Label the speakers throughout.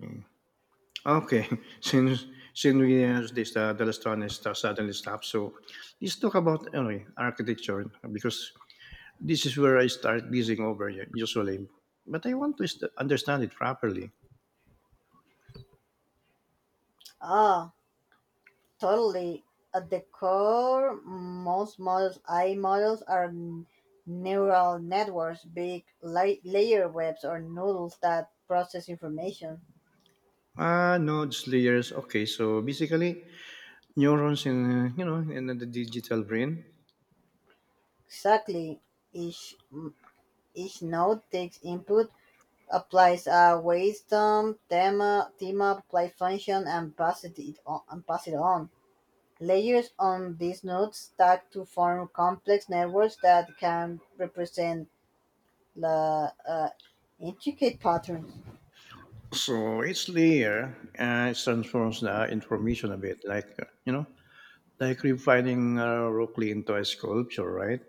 Speaker 1: Mm. Okay, since since we have this the last one is suddenly stopped, so let's talk about anyway architecture because this is where I start glazing over usually, but I want to understand it properly.
Speaker 2: Ah, totally. At the core, most models, AI models are neural networks, big layer webs or noodles that process information.
Speaker 1: Ah, nodes, layers. Okay, so basically neurons in in the digital brain.
Speaker 2: Exactly. Each, mm, each node takes input, applies a wisdom, thema, apply function, and pass it on, and pass it on. Layers on these nodes stack to form complex networks that can represent the intricate patterns.
Speaker 1: So each layer it transforms the information a bit, like like refining Rockley into a sculpture, right?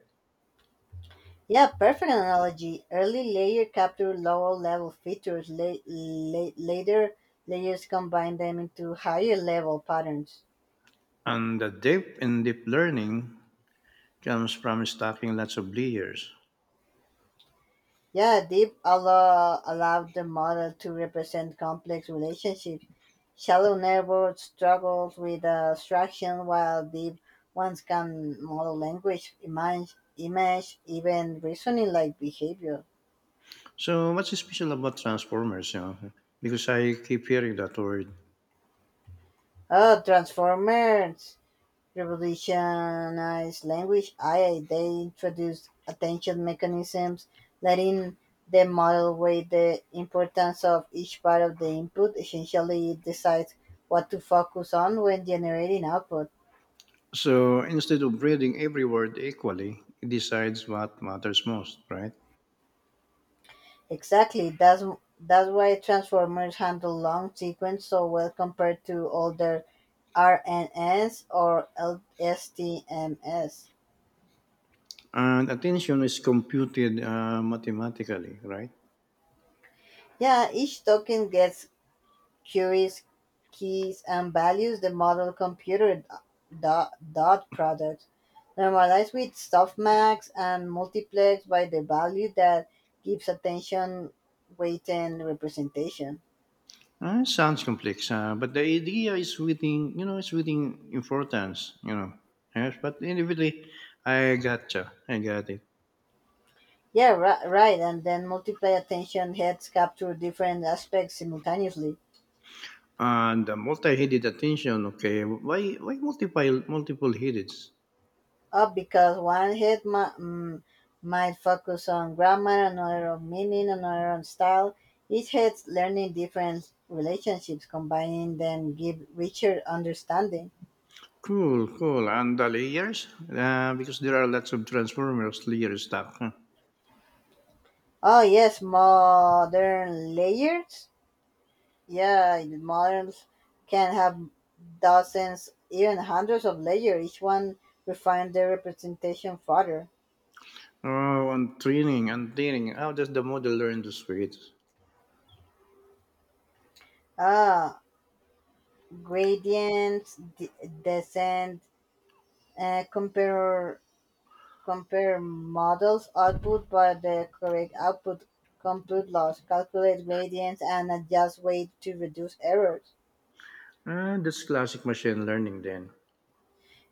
Speaker 2: Yeah, perfect analogy. Early layer capture lower level features. Later layers combine them into higher level patterns.
Speaker 1: And the depth in deep learning comes from stacking lots of layers.
Speaker 2: Yeah, deep allowed the model to represent complex relationships. Shallow networks struggles with abstraction, while deep ones can model language, image, even reasoning like behavior.
Speaker 1: So what's special about transformers? You know? Because I keep hearing that word.
Speaker 2: Oh, transformers revolutionized language, AI. They introduced attention mechanisms, letting the model weigh the importance of each part of the input. Essentially, it decides what to focus on when generating output.
Speaker 1: So instead of grading every word equally, it decides what matters most, right?
Speaker 2: Exactly, that's why transformers handle long sequence so well compared to older RNNs or LSTMS.
Speaker 1: And attention is computed mathematically, right?
Speaker 2: Yeah, each token gets queries, keys and values. The model computer dot product, normalized with softmax and multiplexed by the value that gives attention weight and representation.
Speaker 1: Sounds complex, but the idea is it's within importance. Yes, but anyway, I gotcha. I got it.
Speaker 2: Yeah, right. And then multiply attention heads capture different aspects simultaneously.
Speaker 1: And the multi-headed attention, okay, why multiple headeds?
Speaker 2: Up because one head might focus on grammar, another on meaning, another on style. Each head's learning different relationships, combining them give richer understanding.
Speaker 1: Cool, cool. And the layers, because there are lots of transformers layer stuff, huh?
Speaker 2: Oh yes, modern layers. Yeah, the moderns can have dozens, even hundreds of layers. Each one refine their representation further.
Speaker 1: Oh, and training. How does the model learn to switch?
Speaker 2: Ah, gradients, descent, uh, compare Compare models output by the correct output, compute loss, calculate gradients, and adjust weight to reduce errors.
Speaker 1: That's classic machine learning then.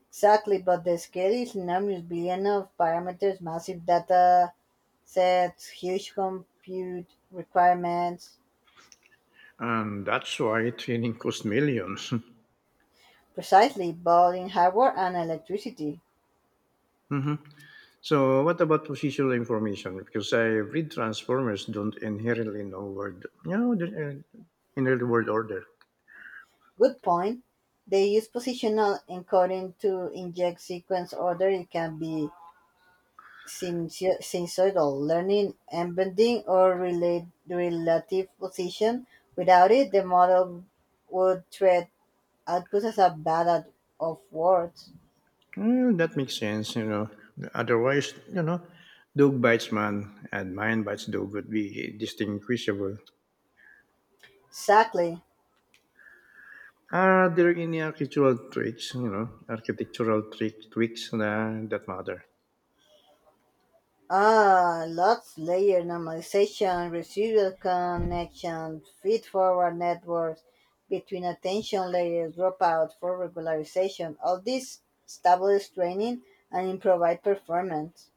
Speaker 2: Exactly, but the scale is enormous. Billion of parameters, massive data sets, huge compute requirements.
Speaker 1: And that's why training costs millions.
Speaker 2: Precisely, both in hardware and electricity.
Speaker 1: Mhm. So, what about positional information? Because I read transformers don't inherently know word, inherent word order.
Speaker 2: Good point. They use positional encoding to inject sequence order. It can be sensorial learning, embedding, or relative position. Without it, the model would treat output as a ballad of words.
Speaker 1: Mm, that makes sense. Otherwise, dog bites man and man bites dog would be distinguishable.
Speaker 2: Exactly.
Speaker 1: Are there any architectural architectural trick tweaks na, that matter?
Speaker 2: Ah, lots layer normalization, residual connection, feed forward networks between attention layers, dropout for regularization. All this stabilize training and improvise performance.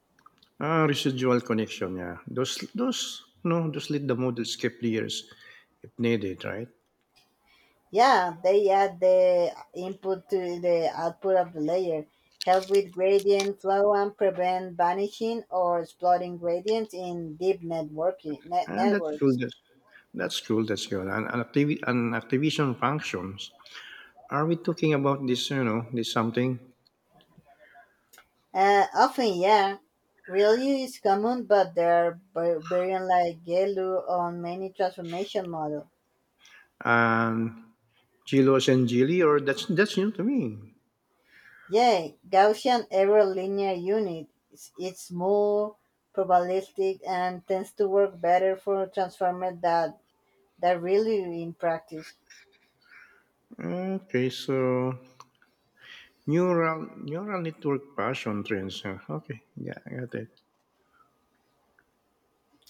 Speaker 1: Ah, residual connection, yeah. No, those let the model skip layers if needed, right?
Speaker 2: Yeah, they add the input to the output of the layer, help with gradient flow and prevent vanishing or exploding gradients in deep networking net
Speaker 1: Ah, that's cool.
Speaker 2: networks.
Speaker 1: That's cool. That's cool. And activation functions. Are we talking about this something?
Speaker 2: Often, yeah, ReLU is common, but there are variant like GELU on many transformation models.
Speaker 1: Um, Gilos and Gili, or that's new to me.
Speaker 2: Yeah, Gaussian error linear unit. It's more probabilistic and tends to work better for transformers. That really in practice.
Speaker 1: Okay, so neural network passion trends, huh? Okay, yeah, I got it.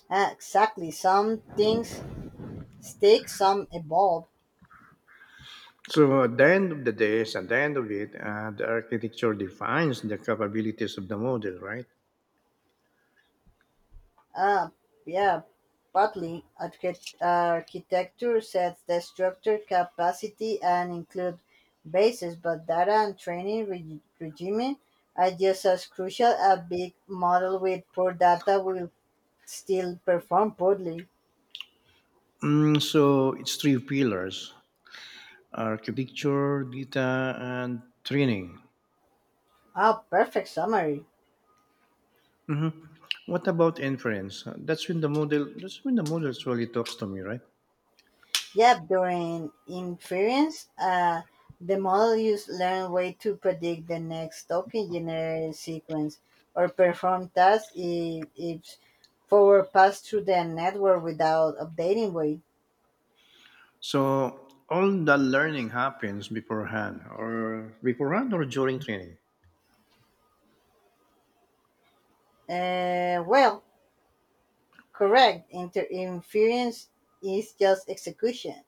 Speaker 2: Exactly. Some things stick, some evolve.
Speaker 1: So at the end of it, the architecture defines the capabilities of the model, right?
Speaker 2: Uh, yeah, partly architecture sets the structure capacity and include bases, but data and training regime are just as crucial. A big model with poor data will still perform poorly.
Speaker 1: Mm, so it's three pillars: architecture, data, and training.
Speaker 2: Ah, perfect summary.
Speaker 1: Hmm. What about inference? That's when the model actually talks to me, right?
Speaker 2: Yep, during inference, the model used learned way to predict the next token generated sequence or perform tasks if forward pass through the network without updating weight.
Speaker 1: So all the learning happens beforehand or during training.
Speaker 2: Well, correct. Inference is just execution.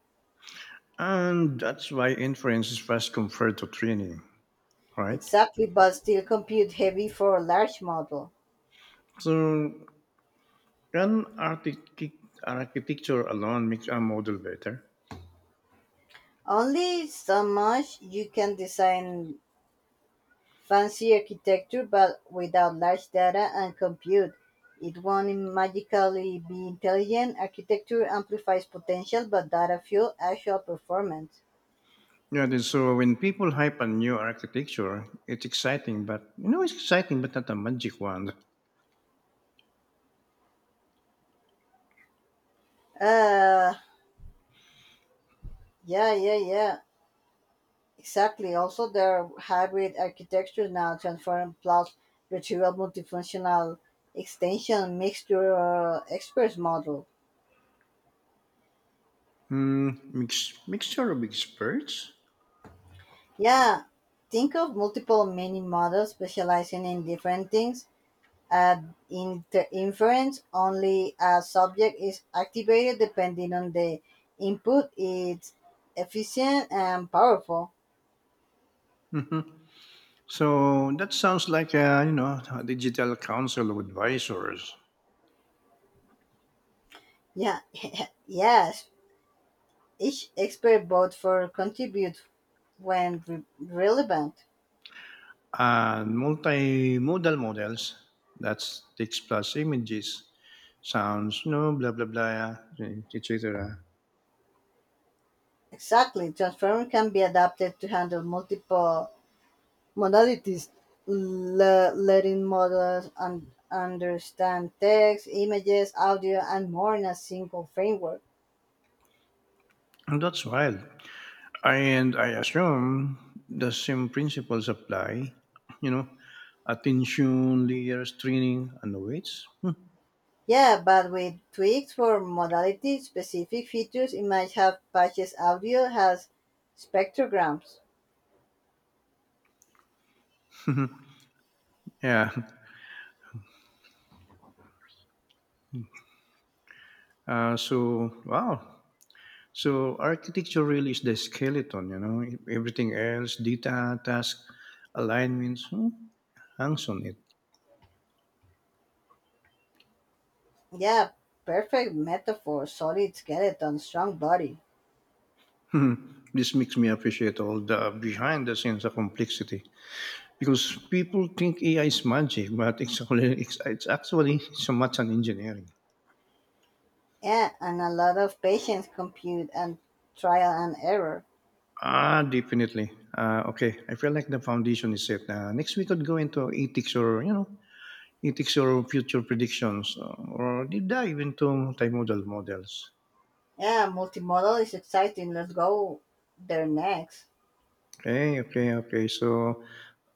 Speaker 1: And that's why inference is fast compared to training, right?
Speaker 2: Exactly, but still compute heavy for a large model.
Speaker 1: So can architecture alone make a model better?
Speaker 2: Only so much you can design fancy architecture but without large data and compute. It won't magically be intelligent. Architecture amplifies potential but data fuel actual performance.
Speaker 1: Yeah, then so when people hype a new architecture, it's exciting, but not a magic wand.
Speaker 2: Uh yeah, yeah, yeah. Exactly. Also there are hybrid architectures now transform plus retrieval multifunctional extension mixture experts model.
Speaker 1: Hmm, mixture of experts.
Speaker 2: Yeah. Think of multiple mini models specializing in different things. Uh, In the inference, only a subject is activated depending on the input. It's efficient and powerful.
Speaker 1: Mhm. So that sounds like a you know a digital council of advisors.
Speaker 2: Yeah. Yes. Each expert votes for contribute when relevant.
Speaker 1: And multimodal models, that's text plus images, sounds, blah, blah, blah, etc.
Speaker 2: Exactly. Transformer can be adapted to handle multiple modalities, letting models understand text, images, audio, and more in a single framework.
Speaker 1: And that's wild. And I assume the same principles apply, you know, attention, layers, training, and weights.
Speaker 2: Yeah, but with tweaks for modality specific features, it might have patches audio has spectrograms.
Speaker 1: Yeah. So, wow. So, architecture really is the skeleton, everything else, data, task, alignments, hangs on it.
Speaker 2: Yeah, perfect metaphor, solid skeleton, strong body.
Speaker 1: Mhm. This makes me appreciate all the behind the scenes of complexity because people think AI is magic, but it's actually so much an engineering.
Speaker 2: Yeah, and a lot of patience compute and trial and error.
Speaker 1: Ah, definitely. Okay, I feel like the foundation is set. Next we could go into ethics or, future predictions or deep dive into multimodal models.
Speaker 2: Yeah, multimodal is exciting. Let's go there next.
Speaker 1: Okay, okay, okay. So,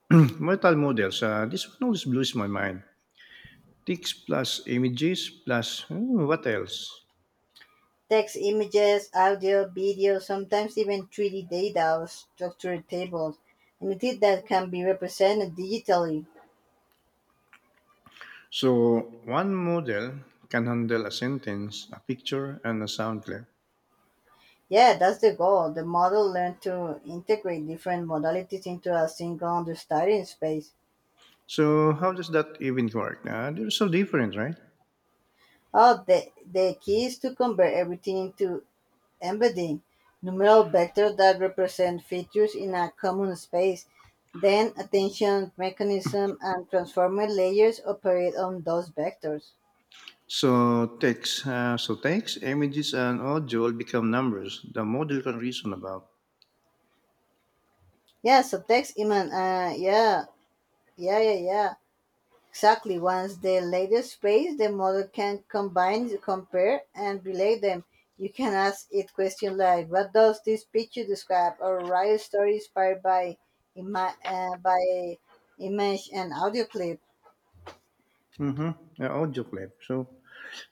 Speaker 1: multimodal models. This one always blows my mind. Text plus images plus, what else?
Speaker 2: Text, images, audio, video, sometimes even 3D data or structured tables, anything that can be represented digitally.
Speaker 1: So one model can handle a sentence, a picture, and a sound clip.
Speaker 2: Yeah, that's the goal. The model learned to integrate different modalities into a single understanding space.
Speaker 1: So how does that even work? They're so different, right?
Speaker 2: Oh, the key is to convert everything into embedding, numeral vectors that represent features in a common space. Then attention mechanism and transformer layers operate on those vectors.
Speaker 1: So text, images, and audio all become numbers, the model can reason about.
Speaker 2: Yeah, so text, Iman. Yeah, yeah, yeah, yeah. Exactly. Once the latest space, the model can combine, compare, and relate them. You can ask it questions like, "What does this picture describe?" or write a story inspired by ima- uh, by image and audio clip.
Speaker 1: Mm-hmm. Audio clip. So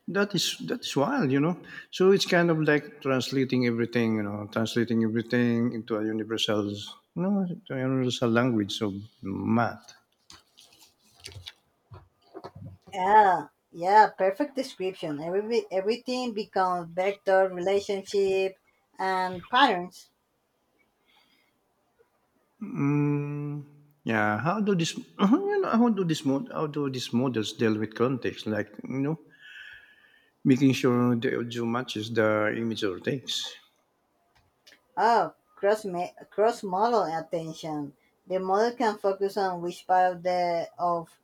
Speaker 1: that is wild. So it's kind of like translating everything into a universal, you know, into a universal language of math.
Speaker 2: Yeah, yeah, perfect description. Everything becomes vector, relationship, and patterns.
Speaker 1: Mm, yeah. How do this? You know, how do this mod? How do these models deal with context? Like making sure the audio matches the image or text.
Speaker 2: Oh, cross model attention. The model can focus on which part of the of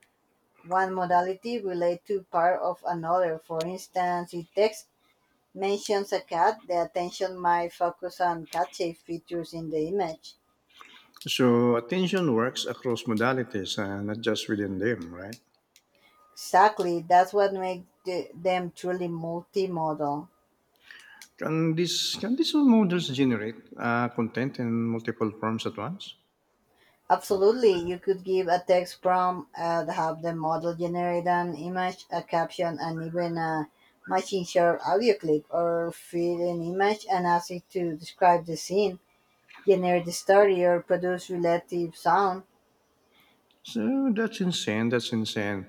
Speaker 2: one modality relates to part of another. For instance, if text mentions a cat, the attention might focus on cat-shaped features in the image.
Speaker 1: So attention works across modalities, not just within them, right?
Speaker 2: Exactly, that's what makes them truly multimodal.
Speaker 1: Can these all models generate content in multiple forms at once?
Speaker 2: Absolutely, you could give a text prompt and have the model generate an image, a caption, and even a machine short audio clip, or feed an image and ask it to describe the scene, generate the story, or produce relative sound.
Speaker 1: So that's insane. That's insane.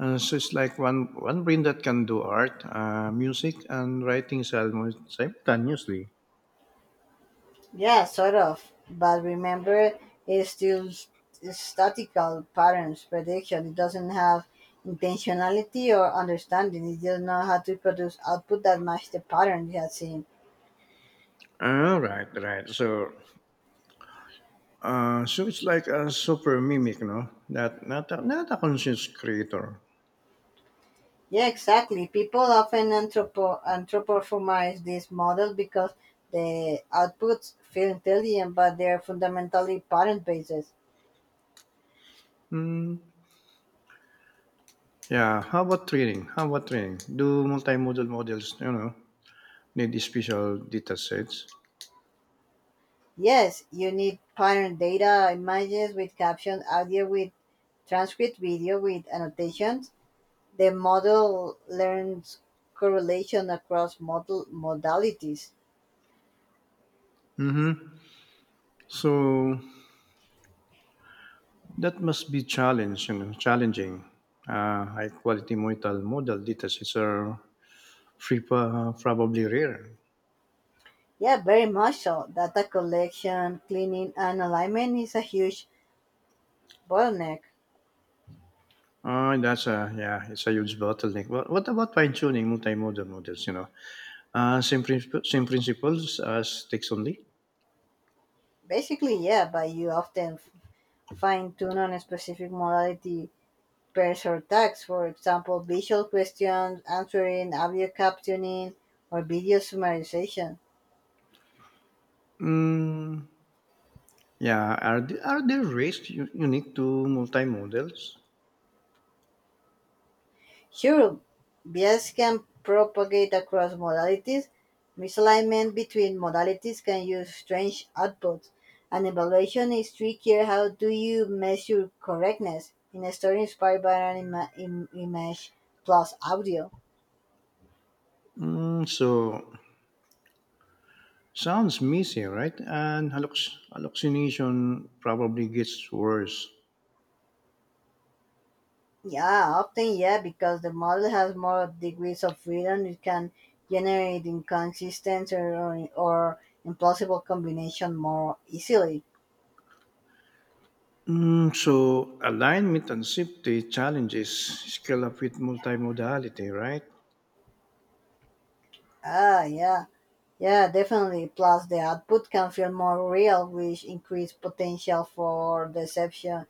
Speaker 1: So it's like one brain that can do art, music, and writing simultaneously.
Speaker 2: Yeah, sort of. But remember, it's still statical patterns prediction. It doesn't have intentionality or understanding. It just knows how to produce output that match the pattern it has seen.
Speaker 1: All right, right. So, it's like a super mimic, no? That not a conscious creator.
Speaker 2: Yeah, exactly. People often anthropomorphize these models because the outputs feel intelligent, but they're fundamentally pattern bases.
Speaker 1: Hmm. Yeah. How about training? Do multimodal models, need special data sets?
Speaker 2: Yes, you need pattern data, images with caption, audio with transcript, video with annotations. The model learns correlation across model modalities.
Speaker 1: Mm-hmm. So that must be challenging. High quality modal model data sets are free, probably rare.
Speaker 2: Yeah, very much so. Data collection, cleaning, and alignment is a huge bottleneck.
Speaker 1: Oh, that's a yeah, it's a huge bottleneck. What about fine tuning multimodal models? Same same principles as text only.
Speaker 2: Basically, yeah, but you often fine tune on a specific modality pairs or tags, for example, visual questions, answering, audio captioning, or video summarization.
Speaker 1: Mm, yeah, are there rates unique to multimodals?
Speaker 2: Sure, bias can propagate across modalities. Misalignment between modalities can use strange outputs. An evaluation is trickier. How do you measure correctness? In a story inspired by an image plus audio.
Speaker 1: Mm, so sounds messy, right? And hallucination probably gets worse.
Speaker 2: Yeah, often, yeah, because the model has more degrees of freedom, it can generate inconsistent or implausible combination more easily.
Speaker 1: Mm, so alignment and safety challenges scale up with multimodality, right?
Speaker 2: Ah, yeah. Yeah, definitely. Plus, the output can feel more real, which increase potential for deception,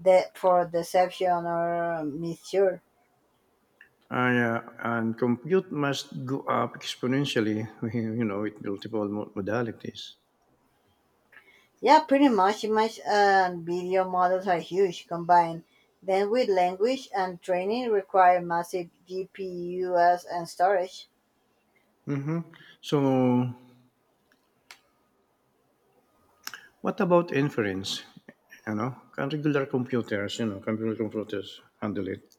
Speaker 2: de- for deception or misure.
Speaker 1: Yeah, and compute must go up exponentially, with multiple modalities.
Speaker 2: Yeah, pretty much. Image and video models are huge combined. Then, with language and training, require massive GPUs and storage.
Speaker 1: Mm-hmm. So what about inference? You know, can regular computers, you know, can regular computers handle it?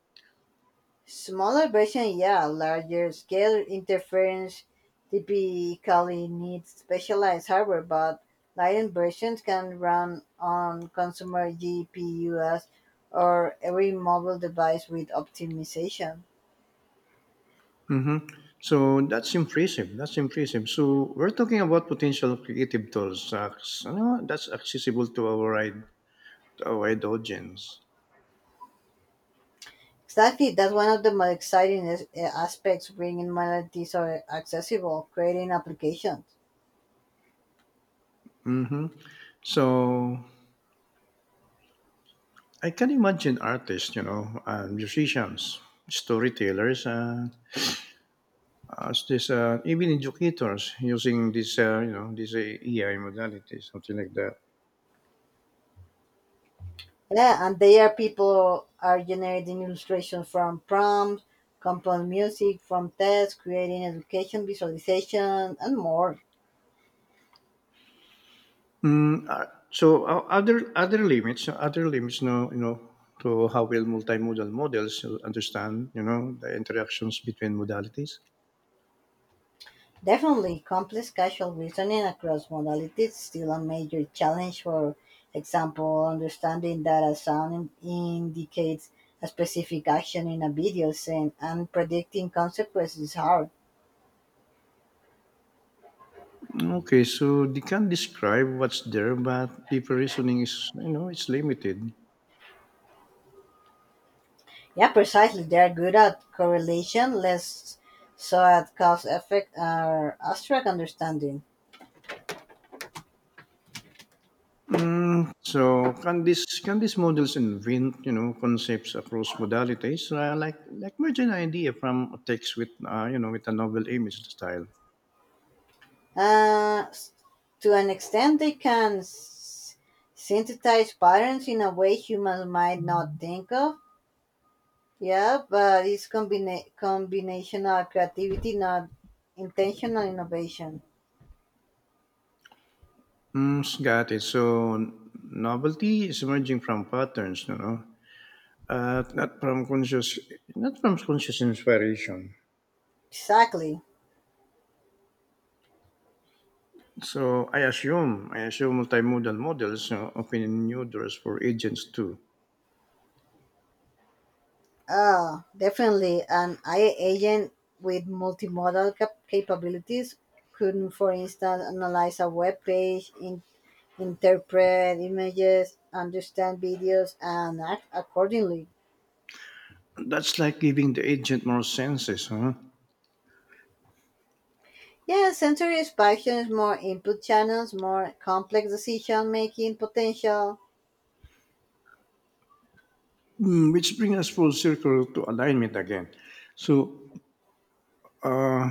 Speaker 2: Smaller versions, yeah. Larger scale interference typically needs specialized hardware, but Lion versions can run on consumer GPUs or every mobile device with optimization.
Speaker 1: Hmm. So that's impressive. So we're talking about potential creative tools. That's accessible to a wide audience.
Speaker 2: Exactly, that's one of the most exciting aspects bringing modalities are accessible, creating applications.
Speaker 1: Hmm. So I can imagine artists, musicians, storytellers, as even educators using this, this AI modality, something like that.
Speaker 2: Yeah, and there people are generating illustration from prompts, composing music from tests, creating education, visualization, and more.
Speaker 1: Mm, other limits, other limits, no, to how will multimodal models the interactions between modalities.
Speaker 2: Definitely, complex casual reasoning across modalities is still a major challenge. For example, understanding that a sound indicates a specific action in a video scene and predicting consequences is hard.
Speaker 1: Okay, so they can describe what's there, but deep reasoning it's limited.
Speaker 2: Yeah, precisely. They are good at correlation, less so at cause effect or abstract understanding.
Speaker 1: Mm, so can these models invent, concepts across modalities, like merge an idea from a text with a novel image style?
Speaker 2: uh, to an extent, they can synthesize patterns in a way humans might not think of. Yeah, but it's combinational creativity, not intentional innovation.
Speaker 1: Mm, got it. So novelty is emerging from patterns, not from not from conscious inspiration.
Speaker 2: Exactly.
Speaker 1: So I assume multimodal models you open new doors for agents too.
Speaker 2: Definitely. An AI agent with multimodal capabilities could, for instance, analyze a web page, interpret images, understand videos, and act accordingly.
Speaker 1: That's like giving the agent more senses, huh?
Speaker 2: Yeah, sensory expansion is more input channels, more complex decision making potential.
Speaker 1: Mm, which brings us full circle to alignment again. So uh,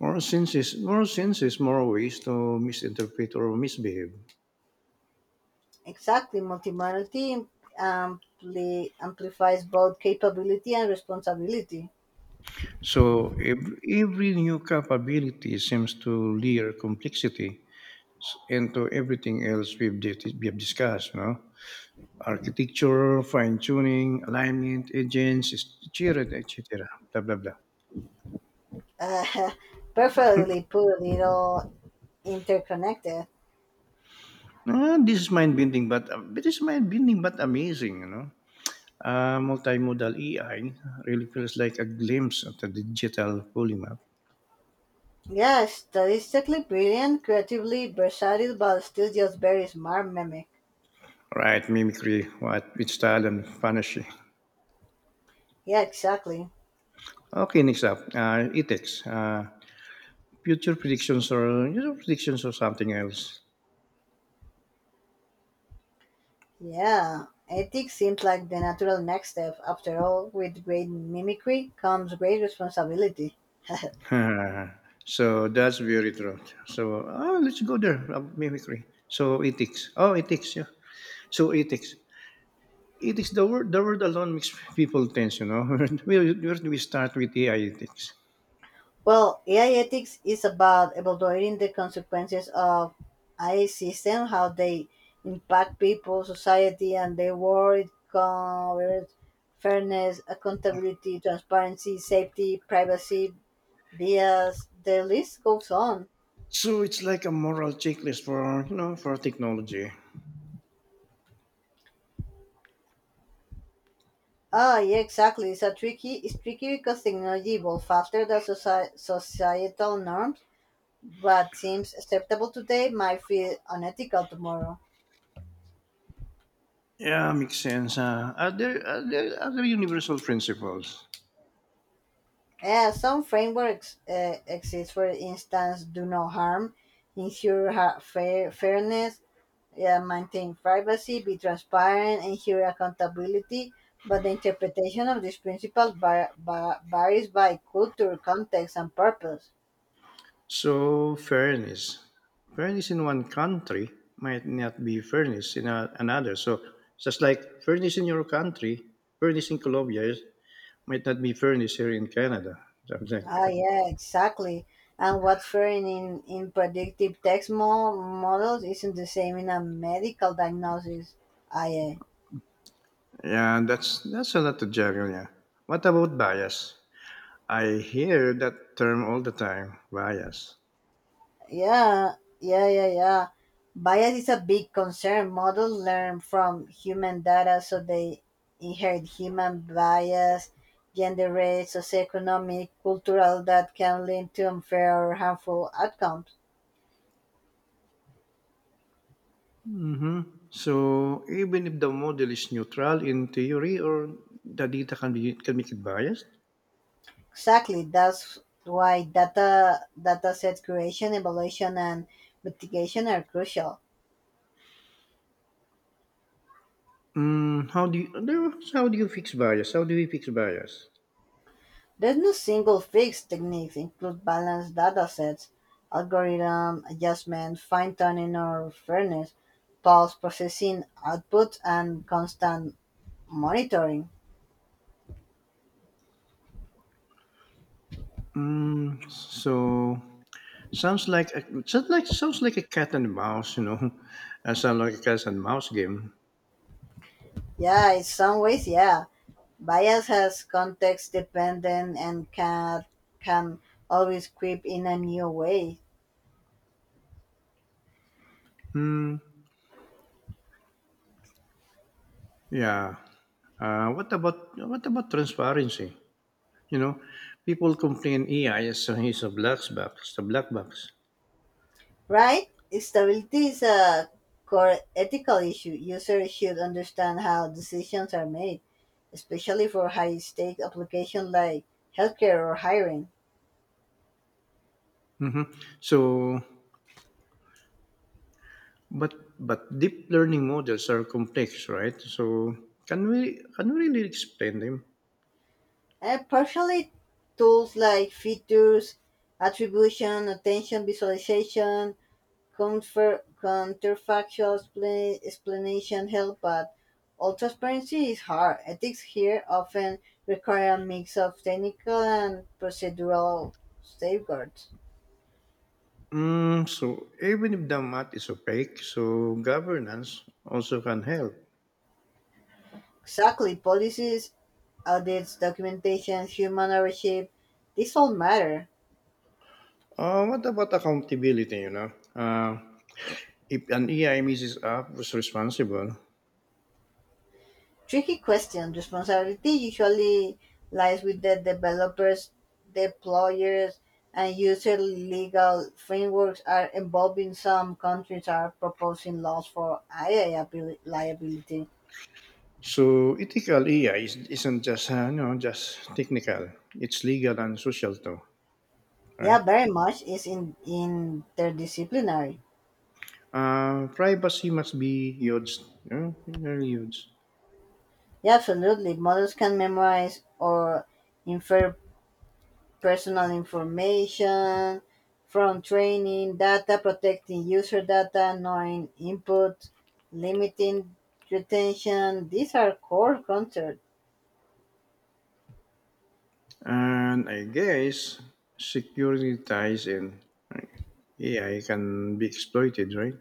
Speaker 1: more senses, more ways to misinterpret or misbehave.
Speaker 2: Exactly, multimodality amplifies both capability and responsibility.
Speaker 1: So every new capability seems to layer complexity into everything else we've discussed, architecture, fine tuning, alignment, agents, etc., blah, blah, blah.
Speaker 2: Uh, Perfectly put, it all interconnected.
Speaker 1: Ah, this is mind bending, but it is mind bending, but amazing. Multimodal AI really feels like a glimpse of the digital polymath.
Speaker 2: Yeah, statistically brilliant, creatively versatile, but still just very smart mimic.
Speaker 1: Right, mimicry, what, with style and vanishing.
Speaker 2: Yeah, exactly.
Speaker 1: Okay, next up, ethics. Future predictions or predictions or something else.
Speaker 2: Yeah, ethics seems like the natural next step. After all, with great mimicry comes great responsibility.
Speaker 1: So that's very true. So let's go there. Mimicry. So ethics. Oh, ethics. Yeah. So ethics. Ethics. The word alone makes people tense. Where do we start with AI ethics?
Speaker 2: Well, AI ethics is about evaluating the consequences of AI system, how they impact people, society, and the world. It covers fairness, accountability, transparency, safety, privacy, bias. The list goes on.
Speaker 1: So it's like a moral checklist for you know for technology.
Speaker 2: Ah, yeah, exactly. It's a tricky. It's tricky because technology evolved faster than societal norms, but seems acceptable today might feel unethical tomorrow.
Speaker 1: Yeah, makes sense. Huh? Are there other universal principles?
Speaker 2: Yeah, some frameworks exist. For instance, do no harm, ensure fairness, yeah, maintain privacy, be transparent, ensure accountability. But the interpretation of these principles varies by culture, context, and purpose.
Speaker 1: So, fairness. Fairness in one country might not be fairness in another. So, just like fairness in your country, fairness in Colombia might not be fairness here in Canada. Something like
Speaker 2: Ah,
Speaker 1: that.
Speaker 2: yeah, exactly. And what's fair in predictive text models isn't the same in a medical diagnosis. Ah, yeah.
Speaker 1: Yeah, that's a lot to juggle, yeah. What about bias? I hear that term all the time, bias.
Speaker 2: Yeah, yeah, yeah, yeah. Bias is a big concern. Models learn from human data, so they inherit human bias, gender, race, socioeconomic, cultural that can lead to unfair or harmful outcomes.
Speaker 1: Mm-hmm. So, even if the model is neutral in theory or the data can make it biased.
Speaker 2: Exactly. That's why data set creation, evaluation, and mitigation are crucial.
Speaker 1: Mm, how do you no, how do you fix bias? How do we fix bias?
Speaker 2: There's no single fixed techniques. Include balanced data sets, algorithm adjustment, fine tuning or fairness, pulse processing output, and constant monitoring.
Speaker 1: Mm, so sounds like sounds like a cat and mouse, sounds like a cat and mouse game.
Speaker 2: Yeah, in some ways, yeah. Bias has context dependent and can always creep in a new way.
Speaker 1: Hmm. Yeah. What about transparency? You know, people complain AI is a black box.
Speaker 2: Right? Stability is a core ethical issue. Users should understand how decisions are made, especially for high stake applications like healthcare or hiring.
Speaker 1: Hmm. So, but deep learning models are complex, right? So, can we really explain them?
Speaker 2: And partially, tools like features, attribution, attention visualization, counterfactual explanation help, but all transparency is hard. Ethics here often require a mix of technical and procedural safeguards.
Speaker 1: Mm, so even if the math is opaque, so governance also can help.
Speaker 2: Exactly. Policies, audits, documentation, human ownership, this all matter.
Speaker 1: What about accountability, you know? If an AI misses up, who's responsible?
Speaker 2: Tricky question. Responsibility usually lies with the developers, deployers, and user legal frameworks are involving some countries are proposing laws for AI liability.
Speaker 1: So ethical AI isn't just, just technical. It's legal and social too, right?
Speaker 2: Yeah, very much is in interdisciplinary.
Speaker 1: Privacy must be huge, very huge.
Speaker 2: Yeah, absolutely. Models can memorize or infer personal information from training data, protecting user data, knowing input, limiting retention. These are core concepts.
Speaker 1: And I guess security ties in AI can be exploited, right?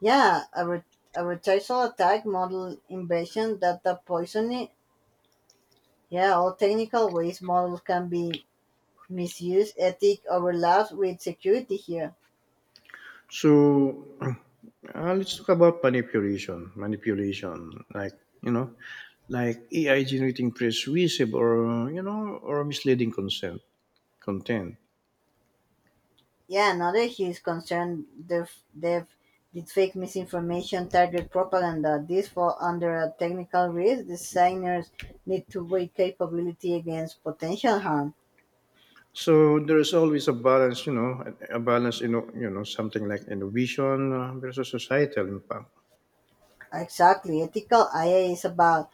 Speaker 2: Yeah, advertisal attack, model invasion, data poisoning. Yeah, all technical ways models can be misused. Ethic overlaps with security here.
Speaker 1: So, let's talk about manipulation. Manipulation, like AI generating persuasive or you know or misleading consent content.
Speaker 2: Yeah, another huge concern the deepfake misinformation, target propaganda. These fall under a technical risk. Designers need to weigh capability against potential harm.
Speaker 1: So there is always a balance, a balance, something like innovation versus societal impact.
Speaker 2: Exactly. Ethical IA is about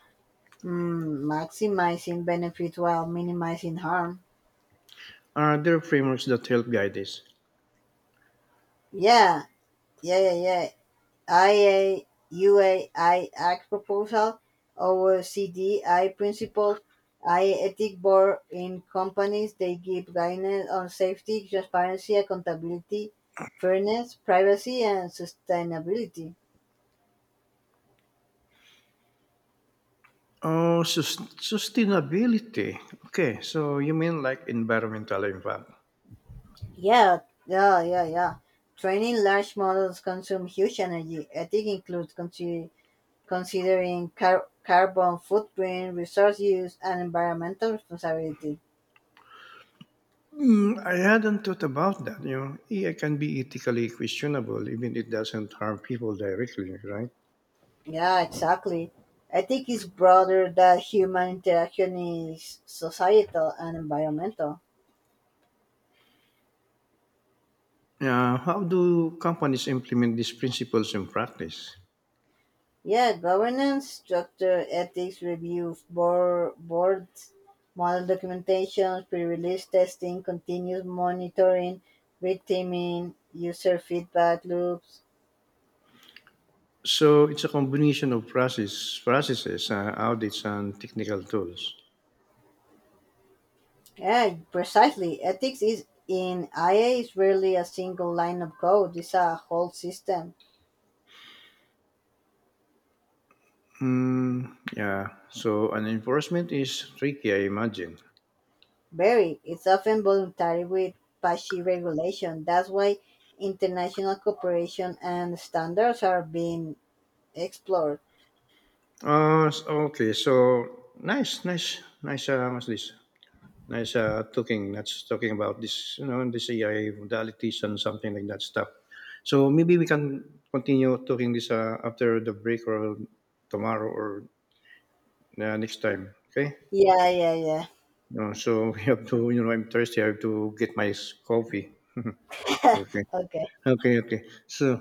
Speaker 2: maximizing benefit while minimizing harm.
Speaker 1: Are there frameworks that help guide this?
Speaker 2: Yeah, yeah, yeah, yeah. IAUAI Act proposal or CDI principles. I principle. I ethic board in companies they give guidance on safety, transparency, accountability, fairness, privacy, and sustainability.
Speaker 1: Oh, sustainability. Okay, so you mean like environmental impact?
Speaker 2: Yeah, yeah, yeah, yeah. Training large models consume huge energy. Ethic includes considering carbon footprint, resource use, and environmental responsibility.
Speaker 1: Mm, I hadn't thought about that. AI can be ethically questionable, even it doesn't harm people directly, right?
Speaker 2: Yeah, exactly. I think it's broader that human interaction is societal and environmental.
Speaker 1: How do companies implement these principles in practice?
Speaker 2: Yeah, governance, structure, ethics, review, boards, model documentation, pre-release testing, continuous monitoring, re-teaming, user feedback loops.
Speaker 1: So it's a combination of processes, audits, and technical tools.
Speaker 2: Yeah, precisely. Ethics is in IA is rarely a single line of code. It's a whole system.
Speaker 1: Mm, yeah. So an enforcement is tricky, I imagine.
Speaker 2: Very. It's often voluntary with patchy regulation. That's why international cooperation and standards are being explored.
Speaker 1: Okay. So nice, nice, nice. What's this? Nice talking. That's talking about this, the AI modalities and something like that stuff. So maybe we can continue talking this after the break or tomorrow or next time. Okay.
Speaker 2: Yeah, yeah,
Speaker 1: No, so we have to, you know, I'm thirsty. I have to get my coffee.
Speaker 2: yeah.
Speaker 1: Okay.
Speaker 2: Okay.
Speaker 1: Okay. Okay. So.